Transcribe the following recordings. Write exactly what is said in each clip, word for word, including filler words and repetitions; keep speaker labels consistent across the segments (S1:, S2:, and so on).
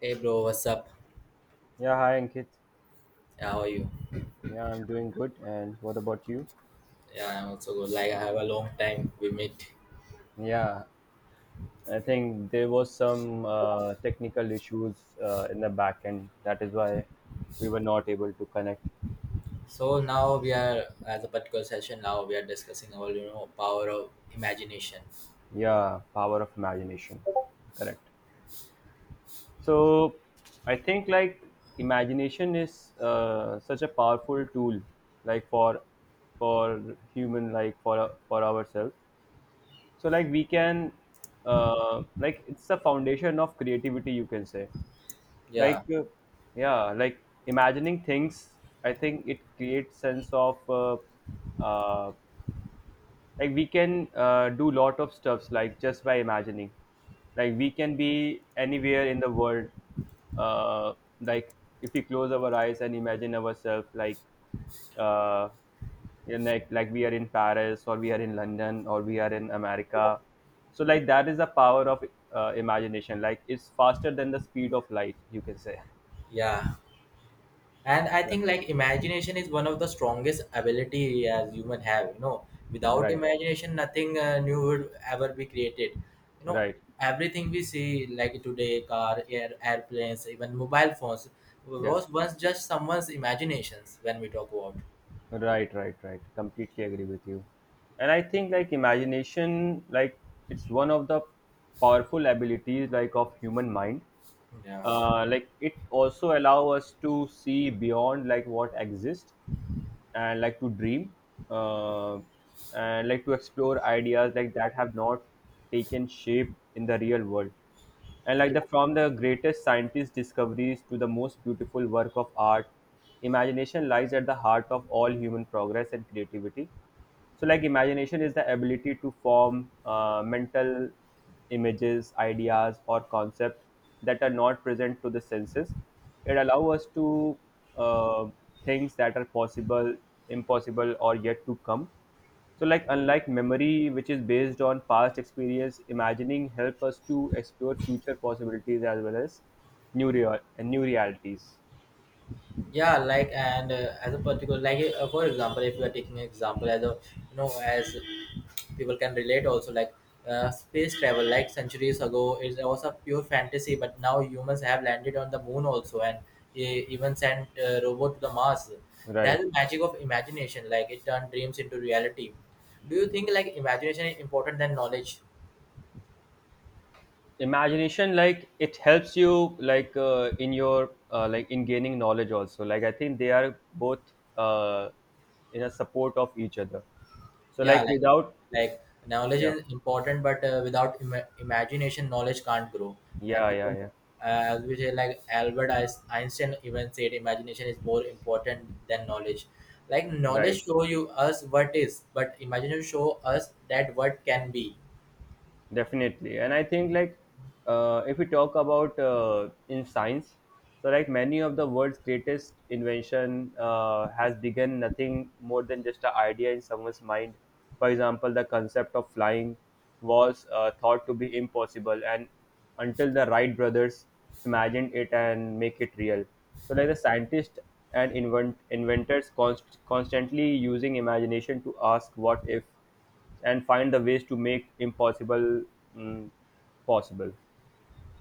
S1: Hey bro, what's up?
S2: Yeah, hi Ankit.
S1: How are you?
S2: Yeah, I'm doing good. And what about you?
S1: Yeah, I'm also good. Like I have a long time we meet.
S2: Yeah, I think there was some uh, technical issues uh, in the back end. That is why we were not able to connect.
S1: So now we are as a particular session now we are discussing about you know power of imagination.
S2: Yeah, power of imagination. Correct. So I think like imagination is uh, such a powerful tool, like for for human, like for for ourselves. So like we can uh, like it's the foundation of creativity, you can say
S1: Yeah,
S2: like uh, yeah, like imagining things, I think it creates sense of uh, uh, like we can uh, do lot of stuffs like just by imagining, like we can be anywhere in the world. uh, like if we close our eyes and imagine ourselves, like uh, you know, like like we are in Paris or we are in London or we are in America. So like that is the power of uh, imagination, like it's faster than the speed of light, you can say.
S1: yeah. And I think like imagination is one of the strongest ability as human have, you know. Without
S2: Right,
S1: imagination nothing uh, new would ever be created. You know,
S2: right.
S1: everything we see like today car, air, airplanes, even mobile phones
S2: Yeah,
S1: was once just someone's imaginations when we talk about
S2: right, right, right. Completely agree with you. And I think like imagination, like it's one of the powerful abilities like of human mind.
S1: yeah
S2: Uh, like it also allow us to see beyond like what exists and like to dream uh, and like to explore ideas like that have not taken shape in the real world. And like the from the greatest scientist discoveries to the most beautiful work of art, imagination lies at the heart of all human progress and creativity. So like imagination is the ability to form uh, mental images, ideas or concepts that are not present to the senses. It allows us to uh, things that are possible, impossible or yet to come. So like unlike memory which is based on past experience, imagining help us to explore future possibilities as well as new real and new realities.
S1: yeah like and uh, as a particular like uh, for example if you are taking an example as a you know as people can relate also like uh, space travel like centuries ago it was a pure fantasy, but now humans have landed on the moon also and e- even sent uh, robot to the mars. That's
S2: Right.
S1: the magic of imagination like it turned dreams into reality. Do you think like imagination is important than knowledge?
S2: Imagination like it helps you like uh, in your uh, like in gaining knowledge also, like I think they are both uh, in a support of each other. So
S1: Yeah,
S2: like
S1: like
S2: without,
S1: like knowledge
S2: yeah,
S1: is important but uh, without Im- imagination knowledge can't grow uh,
S2: yeah,
S1: because
S2: yeah, yeah,
S1: uh, as we say like Albert Eis- Einstein even said imagination is more important than knowledge. Like
S2: right,
S1: knowledge show you us what is but imagination show us that what can be.
S2: definitely. And I think like uh, if we talk about uh, in science, so like many of the world's greatest invention uh, has begun nothing more than just an idea in someone's mind. For example, the concept of flying was uh, thought to be impossible, and until the Wright Brothers imagined it and make it real. So like the scientists and invent inventors const- constantly using imagination to ask what if and find the ways to make impossible mm, possible.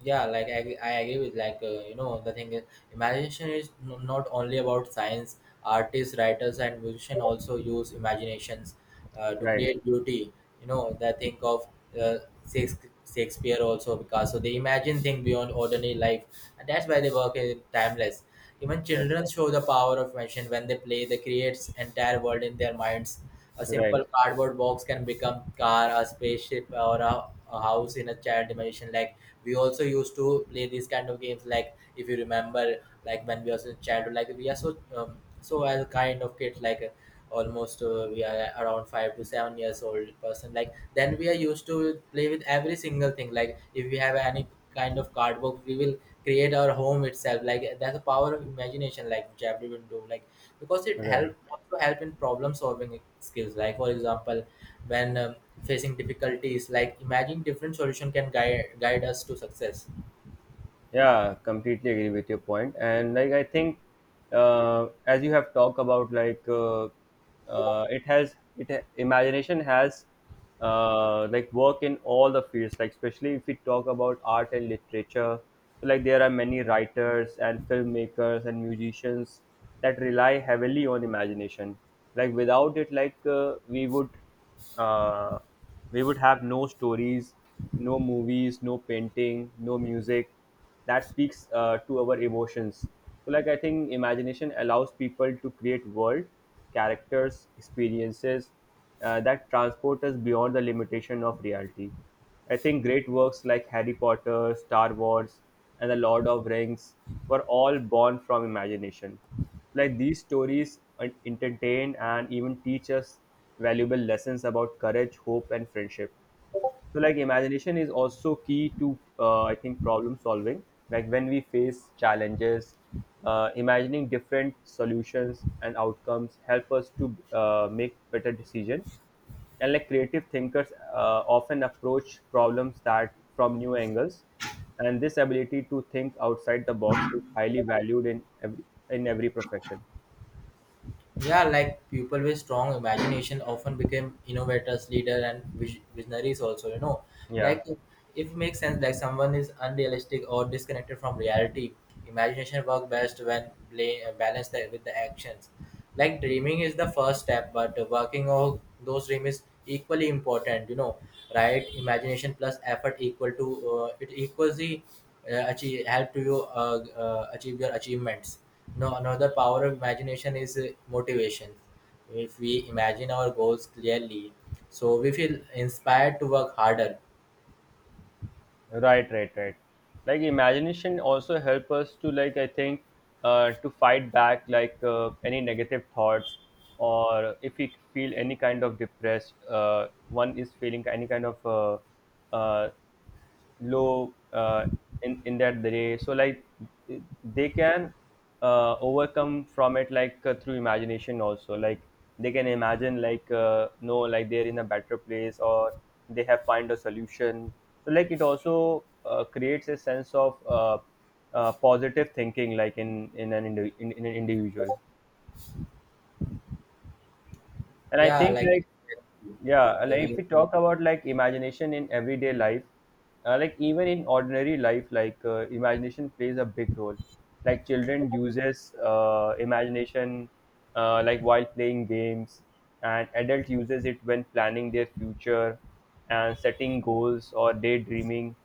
S1: yeah like i, I agree with like uh, you know the thing is imagination is n- not only about science. Artists, writers and musicians also use imaginations uh, to
S2: Right.
S1: create beauty. You know the think of uh, Shakes- Shakespeare, also Picasso, they imagine things beyond ordinary life, and that's why they work is timeless. Even
S2: Yes.
S1: children show the power of imagination when they play, they create entire world in their minds. A
S2: Right.
S1: simple cardboard box can become car, a spaceship, or a, a house in a child imagination. Like we also used to play these kind of games. Like if you remember, like when we was in childhood, like we are so um, so as a kind of kid, like uh, almost uh, we are around five to seven years old person. Like then we are used to play with every single thing. Like if we have any kind of cardboard, we will create our home itself. Like that's the power of imagination. Like which everyone do. Like because it
S2: Right.
S1: help also help in problem solving skills like for example when um, facing difficulties like imagine different solution can guide guide us to success.
S2: Yeah, completely agree with your point. And like I think, uh, as you have talked about, like uh, uh, it has it ha- imagination has uh, like work in all the fields. Like especially if we talk about art and literature, so like there are many writers and filmmakers and musicians that rely heavily on imagination. Like without it, like uh, we would uh, we would have no stories, no movies, no painting, no music that speaks uh, to our emotions. So like I think imagination allows people to create world, characters, experiences uh, that transport us beyond the limitation of reality. I think great works like Harry Potter, Star Wars and the Lord of Rings were all born from imagination. Like these stories en- entertain and even teach us valuable lessons about courage, hope and friendship. So like imagination is also key to uh, I think problem solving. Like when we face challenges, uh, imagining different solutions and outcomes help us to uh, make better decision. And like creative thinkers uh, often approach problems that from new angles, and this ability to think outside the box is highly valued in every in every profession.
S1: Yeah, like people with strong imagination often became innovators, leader, and vis- visionaries. Also, you know,
S2: Yeah.
S1: like if if it makes sense, like someone is unrealistic or disconnected from reality, imagination works best when bla- balanced with the actions. Like dreaming is the first step, but working on those dreams is equally important. You know, right? Imagination plus effort equal to uh, it equals the uh, achieve help to you uh, uh, achieve your achievements. No, another power of imagination is uh, motivation. If we imagine our goals clearly, so we feel inspired to work harder.
S2: Right, right, right. Like imagination also help us to, like I think, uh, to fight back like uh, any negative thoughts, or if we feel any kind of depressed, uh, one is feeling any kind of uh, uh, low uh, in in that way, so like they can uh, overcome from it, like uh, through imagination also, like they can imagine like uh, no, like they're in a better place or they have find a solution. So like it also uh, creates a sense of uh, uh, positive thinking, like in in an indi- in, in an individual. And I
S1: Yeah,
S2: think
S1: like
S2: like, yeah,
S1: the
S2: like if we
S1: way,
S2: talk about like imagination in everyday life, uh, like even in ordinary life, like uh, imagination plays a big role. Like children uses uh, imagination uh, like while playing games, and adult uses it when planning their future and setting goals or daydreaming.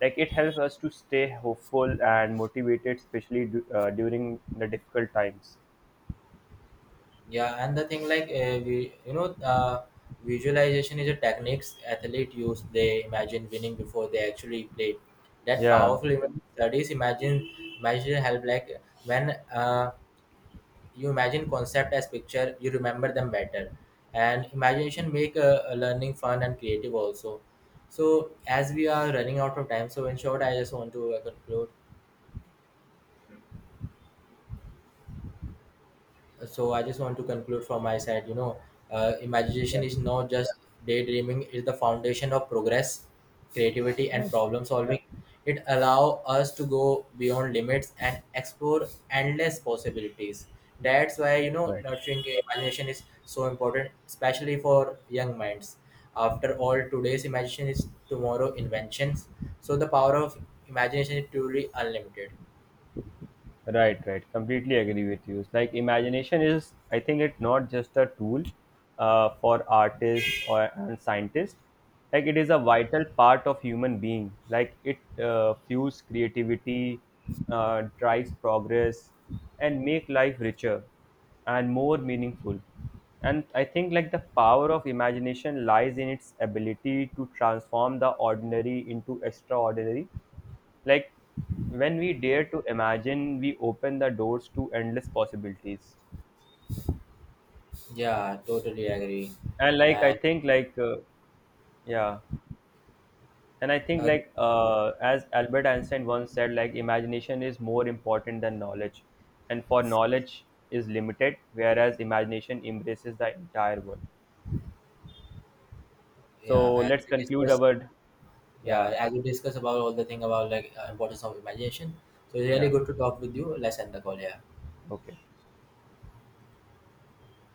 S2: Like it helps us to stay hopeful and motivated, especially du- uh, during the difficult times.
S1: yeah, and the thing like uh, we, you know, uh, visualization is a techniques athlete use. They imagine winning before they actually play. That
S2: Yeah,
S1: powerful image studies imagine. Imagine help like when uh, you imagine concept as picture you remember them better, and imagination make uh, uh, learning fun and creative also. So as we are running out of time, so in short I just want to uh, conclude. So I just want to conclude from my side, you know, uh, imagination
S2: yeah,
S1: is not just daydreaming, it's the foundation of progress, creativity and
S2: right,
S1: problem solving. It allows us to go beyond limits and explore endless possibilities. That's why you know
S2: right.
S1: nurturing imagination is so important, especially for young minds. After all, today's imagination is tomorrow inventions. So the power of imagination is truly unlimited.
S2: Right, right. Completely agree with you. It's like imagination is, I think it's not just a tool uh, for artists or and scientists. Like it is a vital part of human being. Like it uh, fuels creativity, uh, drives progress, and make life richer and more meaningful. And I think like the power of imagination lies in its ability to transform the ordinary into extraordinary, like when we dare to imagine, we open the doors to endless possibilities.
S1: Yeah, totally agree.
S2: And like I
S1: And
S2: think like uh, yeah, and I think
S1: uh,
S2: like uh, as Albert Einstein once said, like imagination is more important than knowledge, and for knowledge is limited, whereas imagination embraces the entire world.
S1: yeah
S2: So
S1: as
S2: let's
S1: we
S2: conclude
S1: discuss,
S2: our, yeah,
S1: yeah as we discuss about all the thing about like uh, importance of imagination, so it's really
S2: yeah,
S1: good to talk with you. Let's end the call. Yeah.
S2: okay.